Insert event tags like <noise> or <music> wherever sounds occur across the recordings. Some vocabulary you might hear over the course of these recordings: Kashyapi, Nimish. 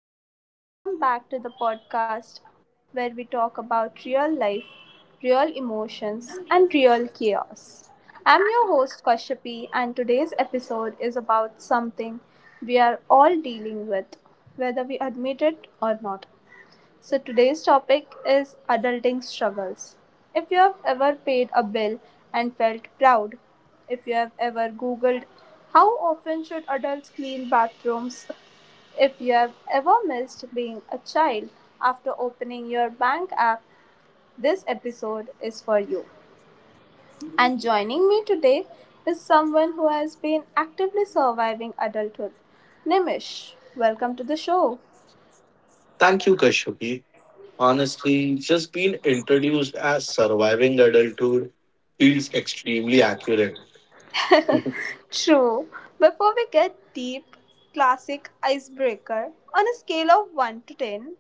everyone, and welcome back to the podcast where we talk about real life, real emotions, and real chaos. I'm your host Kashyapi, and today's episode is about something we are all dealing with, whether we admit it or not. So, today's topic is adulting struggles. If you have ever paid a bill and felt proud, if you have ever googled how often should adults clean bathrooms, if you have ever missed being a child after opening your bank app, this episode is for you. And joining me today is someone who has been actively surviving adulthood. Nimish, welcome to the show. Thank you, Kashyapi. Honestly, just being introduced as surviving adulthood feels extremely accurate. <laughs> True. Before we get deep, classic icebreaker. On a scale of 1 to 10,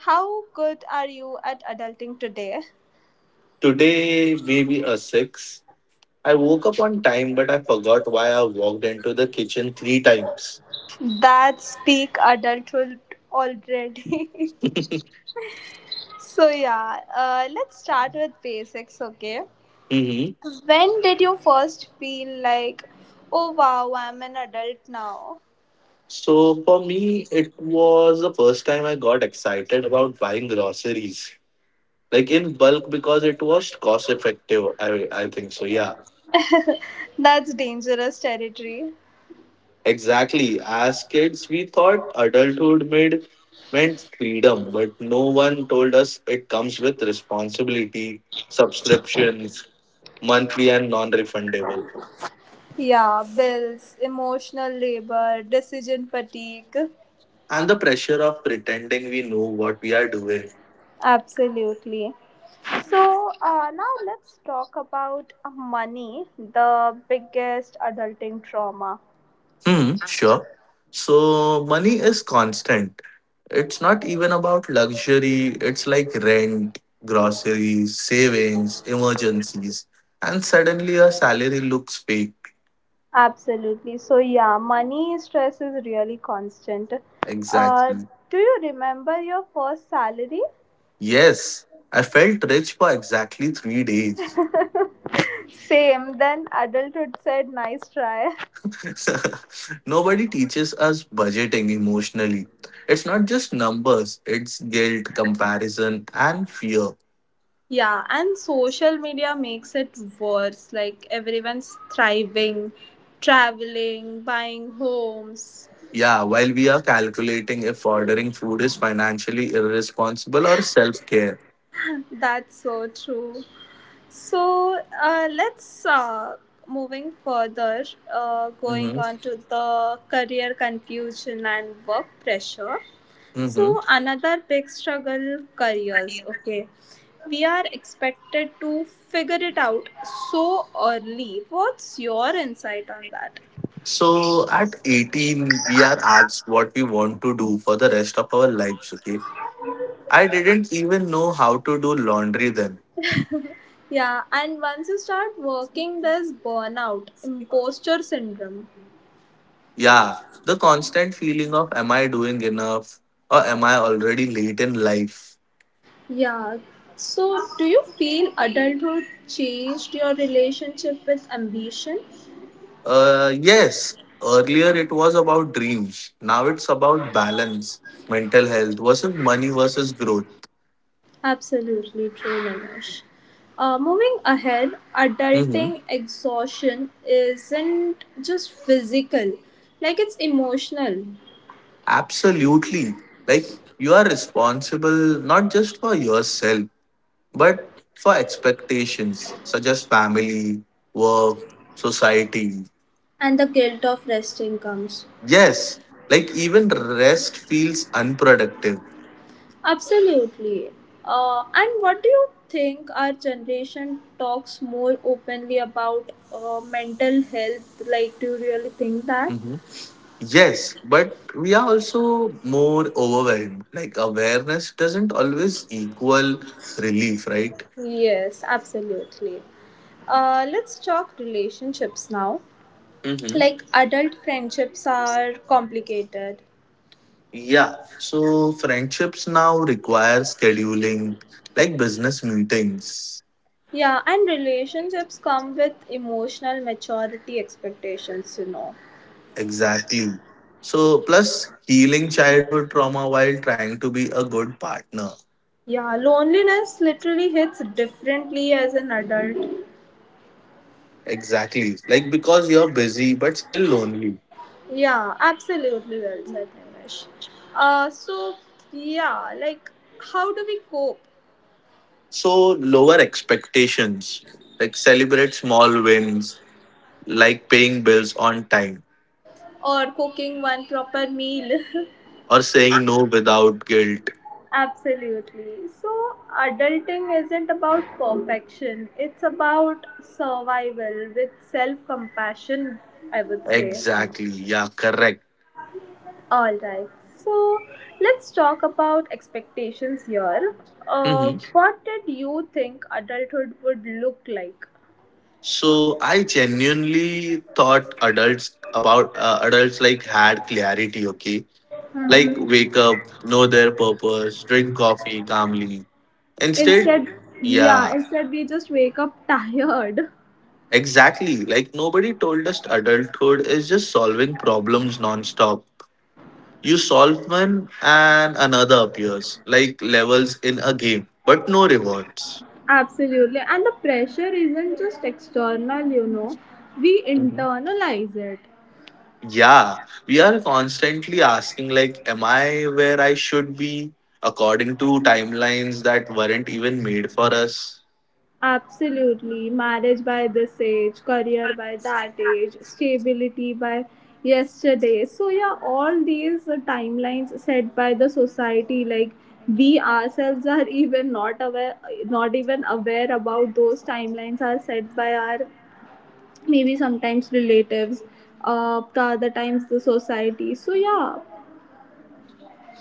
how good are you at adulting today? Today, maybe a six. I woke up on time, but I forgot why I walked into the kitchen three times. That's peak adulthood already. <laughs> So, let's start with basics, okay? hmm When did you first feel like, oh wow, I'm an adult now? So, for me, it was the first time I got excited about buying groceries, like in bulk, because it was cost effective. I think so, yeah. That's dangerous territory. Exactly. As kids, we thought adulthood made, meant freedom, but no one told us it comes with responsibility, subscriptions, monthly and non refundable, Yeah, bills, emotional labor, decision fatigue. and the pressure of pretending we know what we are doing. Absolutely. So now let's talk about money, the biggest adulting trauma. Hmm, sure. So, money is constant. It's not even about luxury, it's like rent, groceries, savings, emergencies, and suddenly your salary looks fake. Absolutely. So yeah, money stress is really constant. Uh, Exactly. do you remember your first salary? Yes, I felt rich for exactly 3 days. Same. Then adulthood said, "Nice try." <laughs> Nobody teaches us budgeting emotionally. It's not just numbers, it's guilt, comparison, and fear. Yeah, and social media makes it worse. Like everyone's thriving, traveling, buying homes. Yeah, while we are calculating if ordering food is financially irresponsible or self care. That's so true. So let's moving further, going hmm on to the career confusion and work pressure. hmm So another big struggle careers. Okay, we are expected to figure it out so early. What's your insight on that? So at 18, we are asked what we want to do for the rest of our lives, okay? I didn't even know how to do laundry then. Yeah, and once you start working, there's burnout, imposter syndrome. Yeah, the constant feeling of am I doing enough or am I already late in life? Yeah. So, do you feel adulthood changed your relationship with ambition? Yes, earlier it was about dreams. Now it's about balance, mental health versus money versus growth. Absolutely true, Nimish. Moving ahead, hmm adulting exhaustion isn't just physical, like it's emotional, Absolutely. Like you are responsible not just for yourself, but for expectations such as family, work, society. and the guilt of resting comes. Yes, like even rest feels unproductive. Absolutely. And what do you think our generation talks more openly about mental health? Like, do you really think that? Yes, but we are also more overwhelmed. Like awareness doesn't always equal relief, right? Yes, absolutely. Let's talk relationships now. Mm-hmm. Like adult friendships are complicated. Yeah. So friendships now require scheduling, like business meetings. Yeah, and relationships come with emotional maturity expectations, you know. Exactly. So plus healing childhood trauma while trying to be a good partner. Yeah, loneliness literally hits differently as an adult. Exactly. Like because you're busy but still lonely. Yeah, absolutely well said, Nimesh. Uh, so, yeah, like how do we cope? So lower expectations. Like celebrate small wins like paying bills on time Or cooking one proper meal? <laughs> or saying no without guilt. Absolutely. So, adulting isn't about perfection, it's about survival with self compassion, I would say. Exactly. Yeah, correct. Alright, so let's talk about expectations here. Hmm What did you think adulthood would look like? So I genuinely thought adults about adults like had clarity. Okay, like wake up, know their purpose, drink coffee calmly. Instead, Instead, yeah, yeah, instead we just wake up <laughs> tired. exactly. Like nobody told us adulthood is just solving problems nonstop. You solve one and another appears, like levels in a game, but no rewards. Absolutely. And the pressure isn't just external, you know, we Mhm. internalize it. Yeah, we are constantly asking, like, am I where I should be according to timelines that weren't even made for us? Absolutely. Marriage by this age, career by that age, stability by yesterday. So, yeah, all these timelines set by the society, like we ourselves are <laughs> even not aware, not even aware about those timelines are set by our maybe sometimes relatives, the other times the society. So, yeah,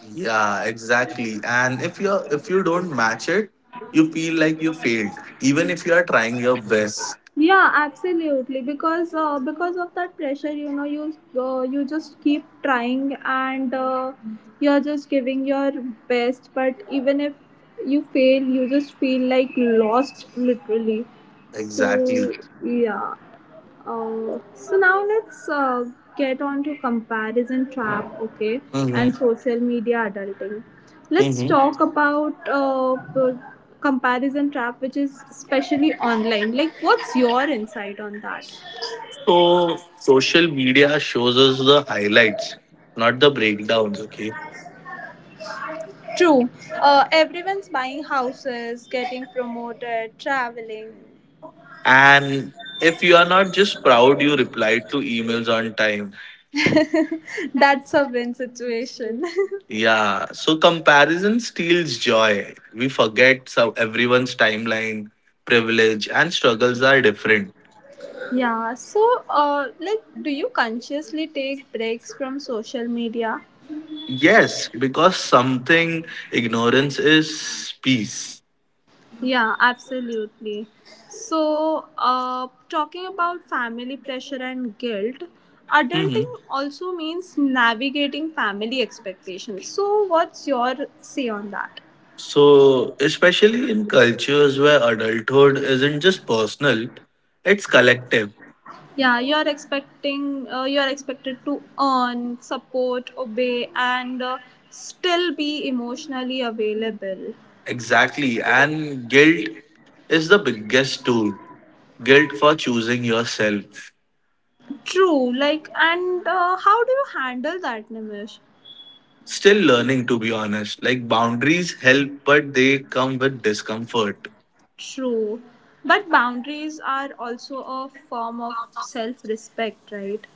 Yeah, exactly. And if you don't match it, you feel like you failed, even if you are trying your best. yeah, absolutely because of that pressure you know you just keep trying and you're just giving your best but even if you fail you just feel like lost literally so Exactly. yeah. So now let's get on to comparison trap, okay, Mm-hmm. and social media adulting. Let's Mm-hmm. talk about comparison trap, which is especially online. Like, what's your insight on that? So social media shows us the highlights, not the breakdowns. Okay. True, everyone's buying houses, getting promoted, traveling. And if you are not just proud, you replied to emails on time. That's a win situation. Yeah. So comparison steals joy. We forget so everyone's timeline, privilege, and struggles are different. <laughs> Yeah, so like, do you consciously take breaks from social media? Yes, because something ignorance is peace. Yeah, absolutely. So, talking about family pressure and guilt, hmm adulting also means navigating family expectations. So, what's your say on that? So, especially in cultures where adulthood isn't just personal, it's collective. Yeah, you're expected to earn, support, obey, and still be emotionally available. Exactly. And guilt is the biggest tool. Guilt for choosing yourself. True, like, and how do you handle that, Nimish? Still learning, to be honest. Like, boundaries help, but they come with discomfort. True, but boundaries are also a form of self respect, right?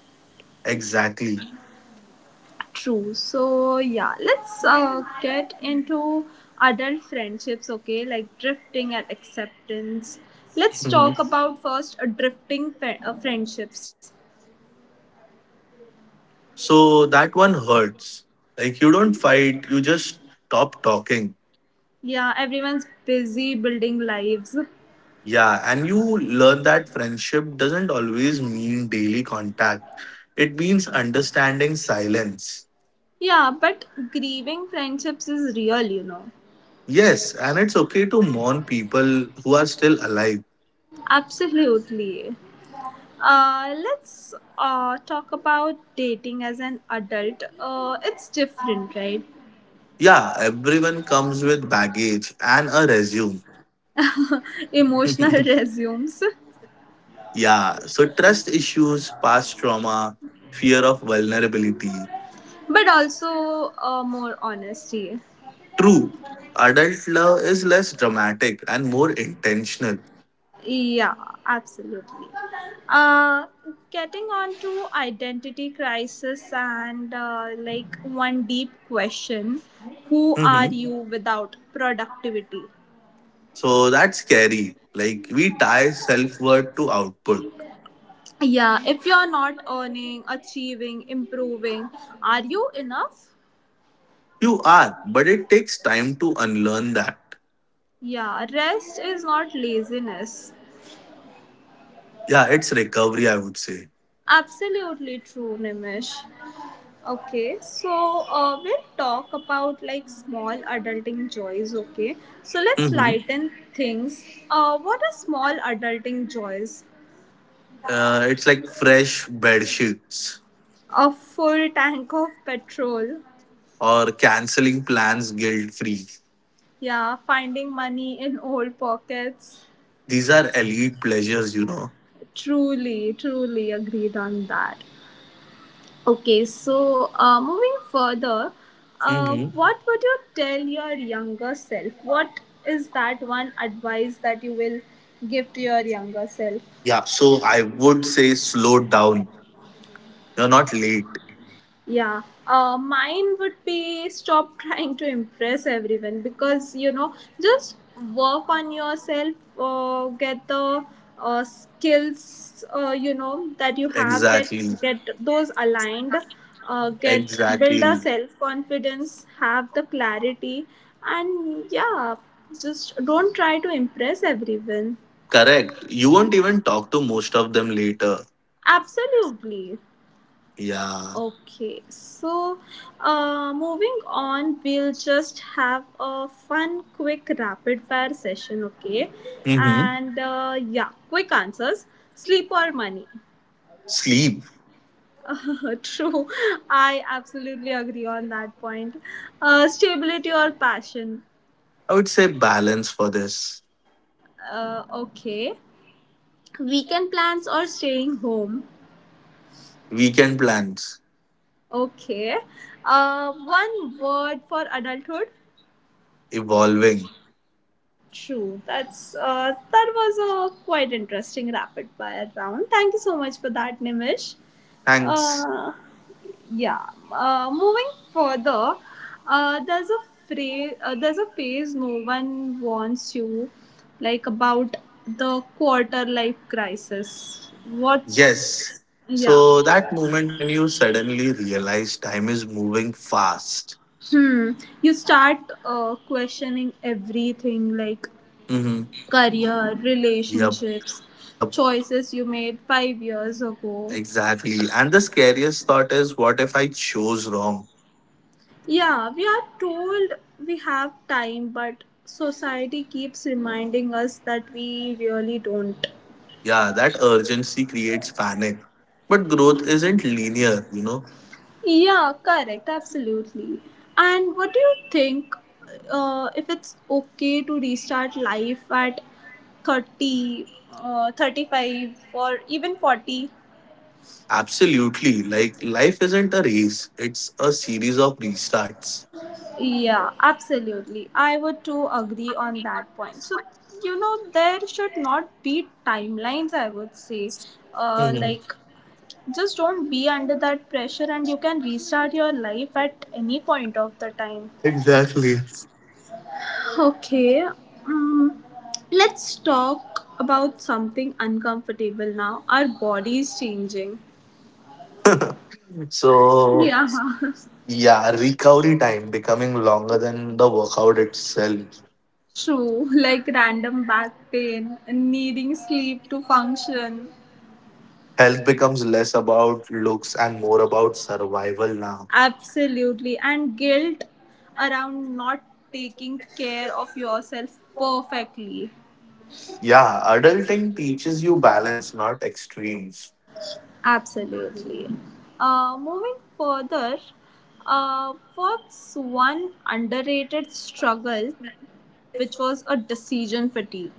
Exactly. True. So, yeah, let's get into adult friendships, okay? Like drifting and acceptance. Let's Mhm. talk about first drifting friendships. So, that one hurts. Like, you don't fight, you just stop talking. Yeah, everyone's busy building lives. Yeah, and you learn that friendship doesn't always mean daily contact. It means understanding silence. Yeah, but grieving friendships is real, you know. Yes, and it's okay to mourn people who are still alive. Absolutely. Let's talk about dating as an adult. It's different, right? Yeah, everyone comes with baggage and a resume. Emotional <laughs> resumes, Yeah, so trust issues, past trauma, fear of vulnerability. but also more honesty. True, adult love is less dramatic and more intentional. Yeah, absolutely. Uh, Getting on to identity crisis and one deep question, who are Mm-hmm. you without productivity? So that's scary. Like we tie self worth to output. Yeah, if you're not earning, achieving, improving, are you enough? You are, but it takes time to unlearn that. Yeah, rest is not laziness. Yeah, it's recovery, I would say. Absolutely true, Nimish. Okay, so we'll talk about like small adulting joys. Okay, so let's Mhm. lighten things. What are small adulting joys? It's like fresh bed sheets A full tank of petrol. or canceling plans guilt free. Yeah, finding money in old pockets. These are elite pleasures, you know. Truly, truly agreed on that. Okay, so moving further, Mhm. what would you tell your younger self? What is that one advice that you will give to your younger self? Yeah, so I would say slow down. You're not late. Yeah, mine would be stop <laughs> trying to impress everyone because you know, just work on yourself, get the skills you know that you have, get Exactly. Those aligned, get build a Exactly. self confidence, have the clarity, and yeah, just don't try to impress everyone. Correct. You won't even talk to most of them later. Absolutely. Yeah. Okay, so moving on, we'll just have a fun, quick, rapid fire session, okay? Mm-hmm. And yeah, quick answers, sleep or money. Sleep. <laughs> true, I absolutely agree on that point. Stability or passion. I would say balance for this. Okay, weekend plans or staying home. Weekend plans. Okay, one word for adulthood. Evolving. True. That's that was a quite interesting rapid fire round. Thank you so much for that, Nimish. Thanks. Uh, yeah. Moving further, there's a phrase. There's a phase no one warns you, like about the quarter life crisis. Yes. What's yeah. So that moment when you suddenly realize time is moving fast. Hmm. You start questioning everything, like Mm-hmm. career, Yep. relationships, Yep. choices you made 5 years ago. Exactly. And the scariest thought is, what if I chose wrong? Yeah, we are told we have time, but society keeps reminding us that we really don't. Yeah, that urgency creates panic. But growth isn't linear, you know? Yeah, correct, absolutely. And what do you think if it's okay to restart life at 30, 35, or even 40? Absolutely. Like life isn't a race, it's a series of restarts. Yeah, absolutely. I would too agree on that point. So, you know, there should not be timelines, I would say. Uh, hmm like, just don't be under that pressure and you can restart your life at any point of the time. Exactly. Okay, um, let's talk about something uncomfortable now. Our bodies changing. So Yeah. <laughs> yeah, recovery time becoming longer than the workout itself. True, like random back pain, needing sleep to function. Health becomes less about looks and more about survival now. Absolutely. And guilt around not taking care of yourself perfectly. Yeah, adulting teaches you balance, not extremes. Absolutely. Moving further, what's one underrated struggle which was a decision fatigue?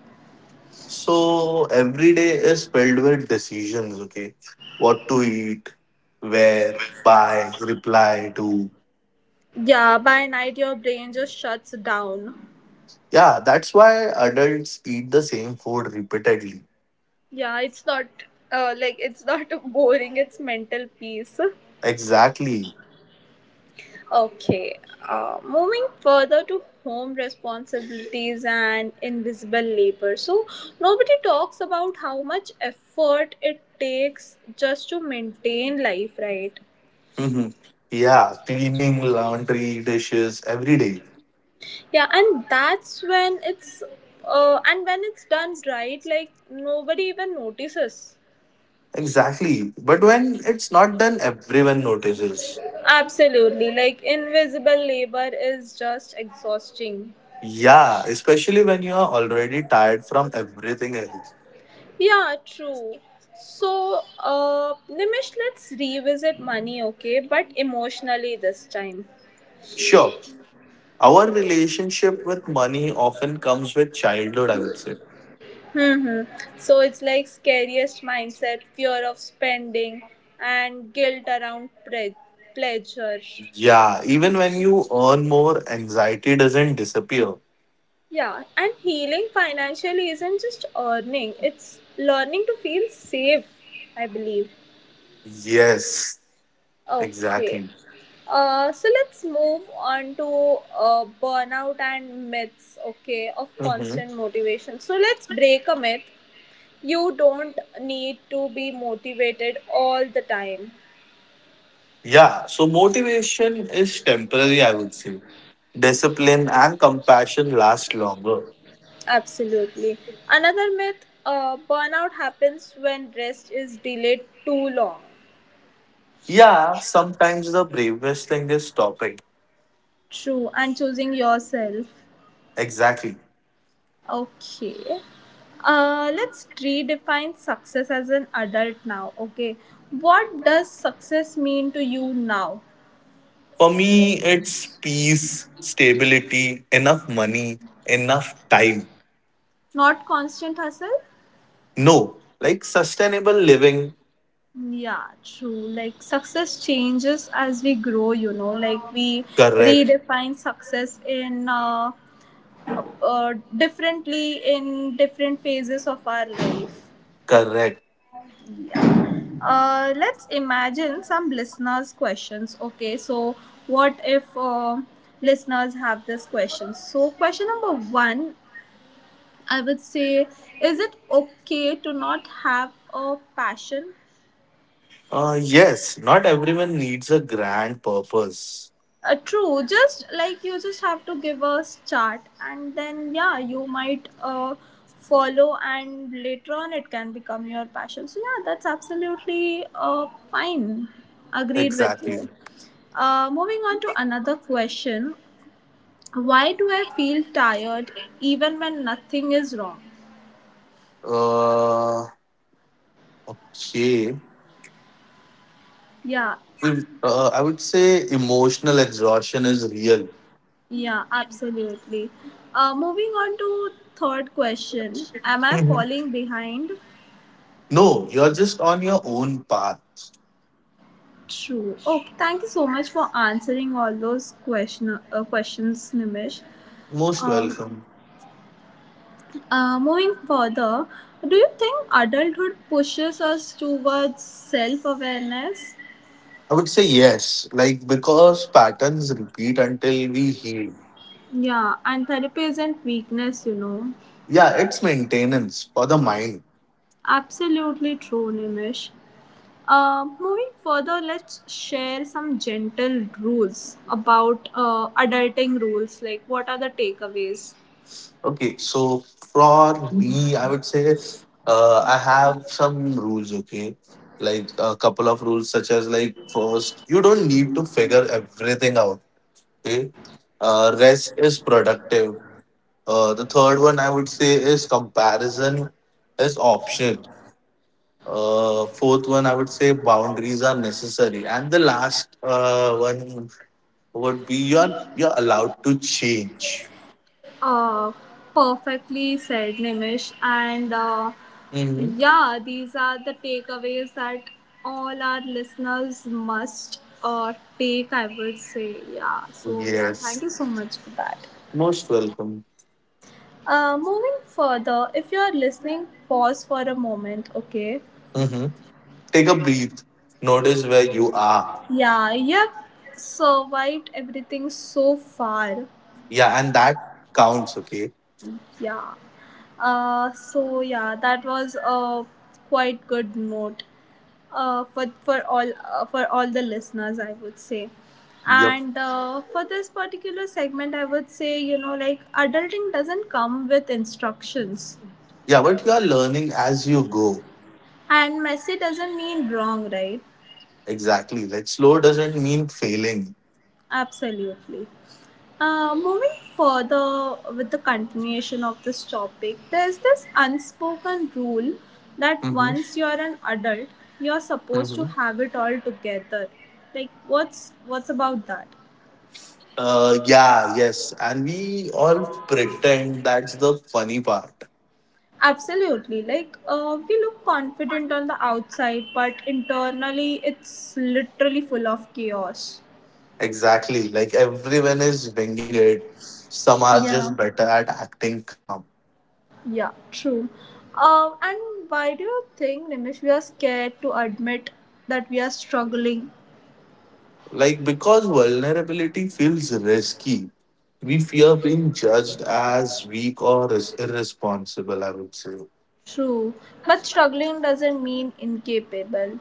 So every day is filled with decisions, okay? What to eat, where, buy, reply to. Yeah, by night your brain just shuts down. Yeah, that's why adults eat the same food repeatedly. Yeah, it's not it's not <laughs> boring, it's mental peace. Exactly. Okay, moving further to home responsibilities and invisible labor. So, nobody talks about how much effort it takes just to maintain life, right? hmm Yeah, cleaning, laundry, dishes every day. Yeah, and when it's done right, like nobody even notices. Exactly. But when it's not done, everyone notices. Absolutely, like invisible labor is just exhausting. Yeah, especially when you are already tired from everything else. Yeah, true. So, Nimish, let's revisit money, okay? But emotionally this time. Sure, our relationship with money often comes with childhood, I would say. hmm So it's like scariest mindset, fear of spending, and guilt around pleasure. Yeah, even when you earn more, anxiety doesn't disappear. Yeah, and healing financially isn't just earning, it's learning to feel safe, I believe. Yes, Okay. exactly. So let's move on to burnout and myths, okay, of hmm constant motivation. So let's break a myth. You don't need to be motivated all the time. Yeah, so motivation is temporary, I would say. Discipline and compassion last longer. Absolutely. Another myth, burnout happens when rest is delayed too long. Yeah, sometimes the bravest thing is stopping. True, and choosing yourself. Exactly. Okay. Let's redefine success as an adult now. Okay. What does success mean to you now? For me, it's peace, stability, enough money, enough time. Not constant hustle? No, like sustainable living. Yeah, true. Like success changes as we grow, you know, like we Correct, redefine success in differently in different phases of our life. correct. Let's imagine some listeners' questions. Okay, so what if listeners have this question? So, question number one, I would say, is it okay to not have a passion? Yes, not everyone needs a grand purpose. True. Just like you just have to give a start, and then yeah, you might follow, and later on it can become your passion. So yeah, that's absolutely fine. Agreed with Exactly. you. Moving on to another question. Why do I feel tired even when nothing is wrong? Uh, okay. Yeah, Well, I would say emotional exhaustion is real. yeah, absolutely. Moving on to third question. Am I Mhm. falling behind? No, you're just on your own path. True. Oh, thank you so much for answering all those questions, Nimish. Most Um, welcome. Moving further, do you think adulthood pushes us towards self awareness? I would say yes, like because patterns repeat until we heal. Yeah, and therapy isn't weakness, you know. Yeah, it's maintenance for the mind. Absolutely true, Nimish. Moving further, let's share some gentle rules about adulting rules. Like, what are the takeaways? Okay, so for me, I would say I have some rules, okay? Like a couple of rules, such as like first, you don't need to figure everything out, okay? Rest is productive. The third one I would say is comparison is optional. Fourth one, I would say boundaries are necessary, and the last one would be you're allowed to change. Uh, Perfectly said, Nimish. And Mhm. yeah, these are the takeaways that all our listeners must take, I would say. Yeah, so yeah, thank Yes, you so much for that. most welcome. Moving further, if you are listening, pause for a moment, okay? hmm Take a breath. Notice where you are. Yeah, you have survived everything so far. Yeah, and that counts. Okay. Yeah. So yeah, that was a quite good note. For all the listeners I would say. Yep. And for this particular segment I would say, you know, like adulting doesn't come with instructions, Yeah, but you are learning as you go. and messy doesn't mean wrong, right? Exactly. Like slow doesn't mean failing. Absolutely. Moving further, with the continuation of this topic, there's this unspoken rule that hmm once you're an adult, you're supposed to hmm have it all together. Like what's about that? Yeah. Yes, and we all pretend that's the funny part. Absolutely. Like, we look confident on the outside, but internally it's literally full of chaos. Exactly. Like everyone is winging it. Some are Yeah. just better at acting calm. Yeah, true. And why do you think, Nimish, we are scared to admit that we are struggling? Like because vulnerability feels risky. We fear being judged as weak or is irresponsible, I would say. True. But struggling doesn't mean incapable.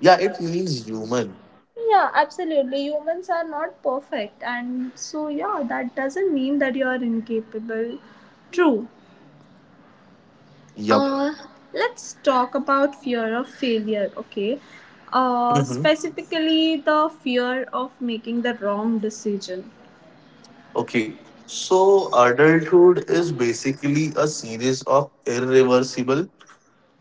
Yeah, it means human. Yeah, absolutely. Humans are not perfect. And so, yeah, that doesn't mean that you are incapable. True. Yup. Uh, let's talk about fear of failure, okay? Hmm Specifically, the fear of making the wrong decision. Okay. So adulthood is basically a series of irreversible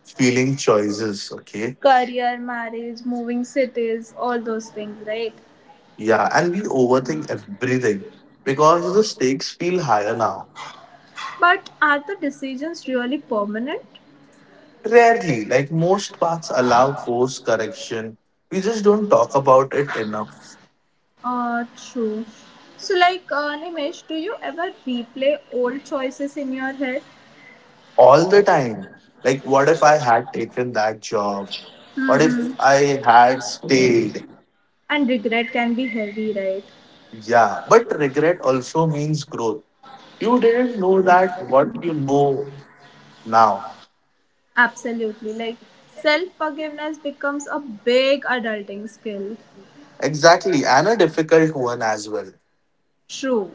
feeling choices. Okay. Career, marriage, moving cities, all those things, right? Yeah, and we overthink everything because the stakes feel higher now. But are the decisions really permanent? Rarely, like most paths allow course correction. We just don't talk about it enough True. So, like, Nimesh, do you ever replay old choices in your head? all the time. Like, what if I had taken that job? What if Mm-hmm. I had stayed? And regret can be heavy, right? Yeah, but regret also means growth. You didn't know that what you know now. Absolutely. Like, self forgiveness becomes a big adulting skill. Exactly, and a difficult one as well. True.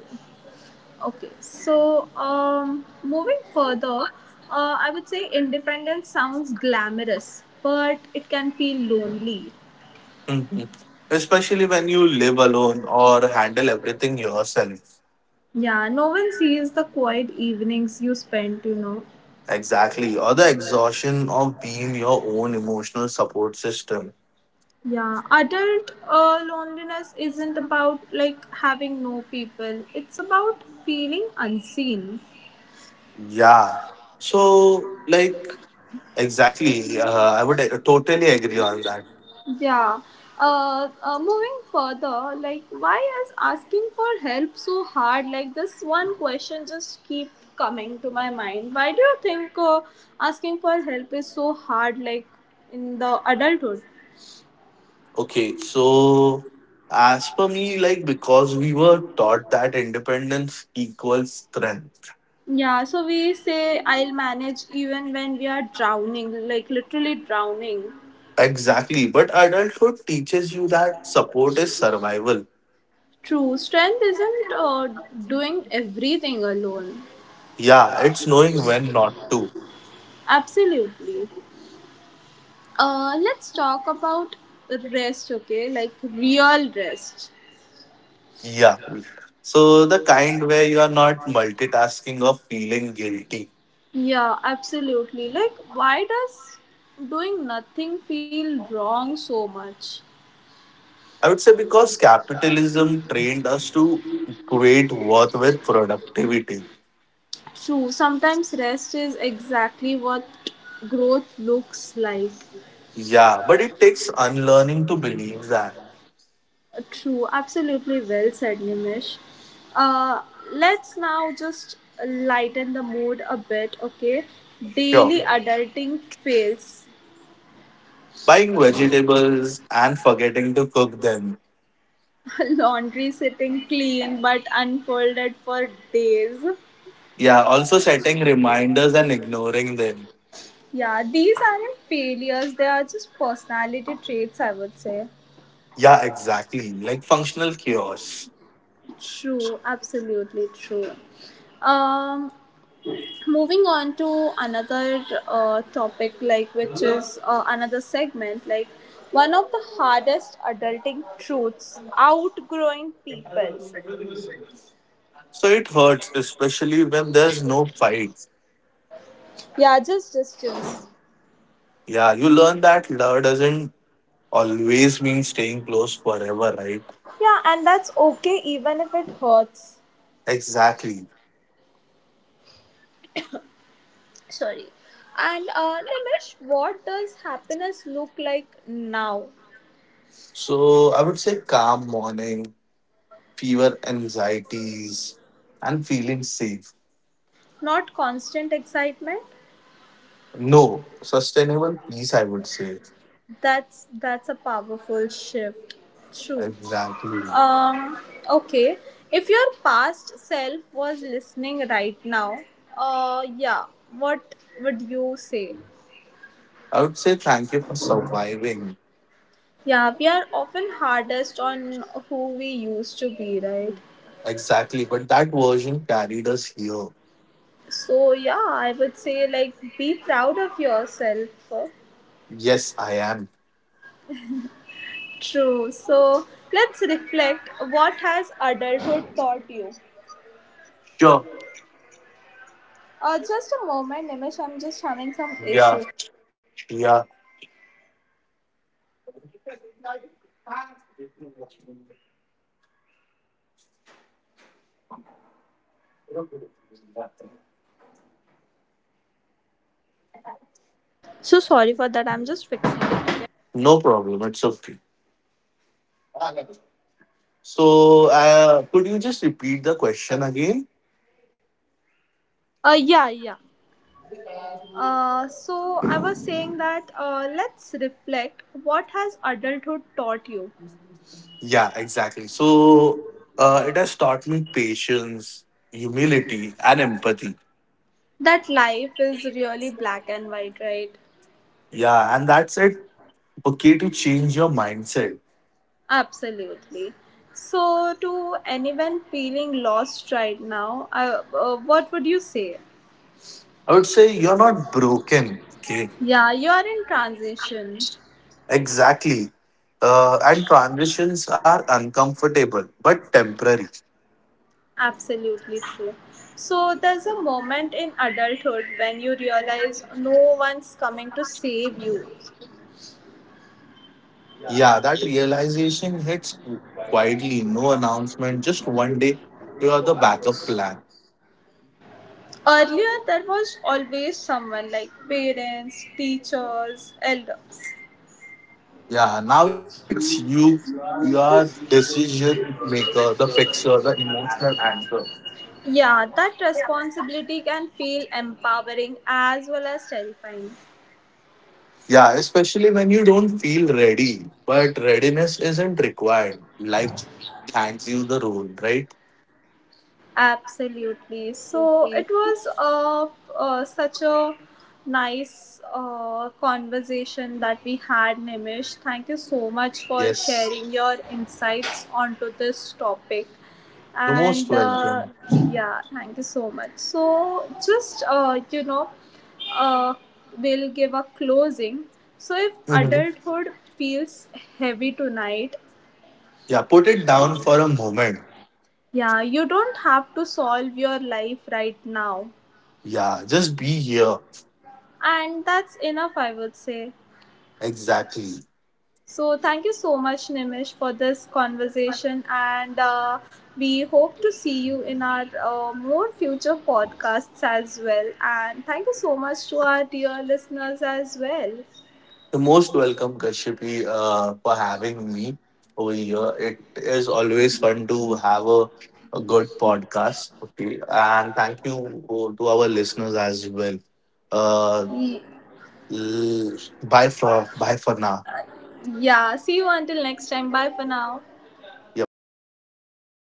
Okay. So, moving further, I would say independence sounds glamorous, but it can feel lonely. Mhm. Especially when you live alone or handle everything yourself. Yeah, no one sees the quiet evenings you spend. Exactly. Or the exhaustion of being your own emotional support system. Yeah, adult loneliness isn't about like having no people, it's about feeling unseen. Yeah. So, like, exactly. I would totally agree on that. Yeah. Moving further, like, why is asking for help so hard? Like, this one question just keep coming to my mind. Why do you think asking for help is so hard? Like, in the adulthood. Okay. So, as per me, like, because we were taught that independence equals strength. Yeah, so we say I'll manage even when we are drowning, like literally drowning. Exactly. But adulthood teaches you that support is survival. True, strength isn't doing everything alone. Yeah. It's knowing when not to. Absolutely. Let's talk about rest, okay? Like, real rest. Yeah. So, the kind where you are not multitasking or feeling guilty. Yeah, absolutely. Like, why does doing nothing feel wrong so much? I would say because capitalism trained us to equate worth with productivity. True, sometimes rest is exactly what growth looks like. Yeah, but it takes unlearning to believe that. True, absolutely well said, Nimish. Uh, let's now just lighten the mood a bit, okay? Sure. Daily adulting fails. Buying vegetables and forgetting to cook them. <laughs> Laundry sitting clean but unfolded for days. Yeah, also setting reminders and ignoring them. Yeah, these aren't failures, they are just personality traits, I would say. Yeah, exactly. Like functional chaos. True, absolutely true. Um, Moving on to another topic, like, which is another segment, like, one of the hardest adulting truths, outgrowing people. So it hurts, especially when there's no fight. Yeah, just distance. Yeah, you learn that love doesn't always mean staying close forever, right? Yeah, and that's okay even if it hurts. Exactly. Sorry. And Nimish, what does happiness look like now? So I would say calm morning, fewer anxieties, and feeling safe. Not constant excitement. No, sustainable peace, I would say. That's a powerful shift. True. Exactly. Um. Okay. If your past self was listening right now, yeah. What would you say? I would say thank you for surviving. Yeah, we are often hardest on who we used to be, right? Exactly. But that version carried us here. So yeah, I would say, like, be proud of yourself. Yes, I am. True. So let's reflect. What has adulthood taught you? Sure. Just a moment, Nimish. I'm just having some Yeah. issue. Yeah. So sorry for that. I'm just fixing it. Okay. No problem. It's okay. So, could you just repeat the question again? Yeah, yeah. So I was saying that let's reflect. What has adulthood taught you? Yeah, exactly. So, it has taught me patience, humility, and empathy. That life is really black and white, right? Yeah, and that's it. Okay, to change your mindset. Absolutely. So, to anyone feeling lost right now, I, what would you say? I would say you're not broken. Okay, Yeah, you're in transition. exactly. And transitions are uncomfortable but temporary. Absolutely true. So there's a moment in adulthood when you realize no one's coming to save you. Yeah, that realization hits quietly, no announcement, just one day. You are the backup plan. Earlier, there was always someone like parents, teachers, elders. Yeah, now it's you. You are decision maker, the fixer, the emotional anchor. Yeah, that responsibility can feel empowering as well as terrifying. Yeah, especially when you don't feel ready, but readiness isn't required. Life just hands you the role, right? Absolutely. So it was such a nice conversation that we had, Nimish. Thank you so much for Yes, sharing your insights onto this topic. you're most And welcome. yeah, thank you so much. So just, uh, we'll give a closing. So if Mhm. adulthood feels heavy tonight, Yeah, put it down for a moment. yeah, you don't have to solve your life right now. Yeah, just be here. And that's enough, I would say. Exactly. So, thank you so much, Nimish, for this conversation. And we hope to see you in our more future podcasts as well. And thank you so much to our dear listeners as well. The most welcome, Kashyapi, for having me over here. It is always fun to have a good podcast. Okay, and thank you to our listeners as well. Uh, Ye- L- bye for now. Yeah, see you until next time. Bye for now. Yep.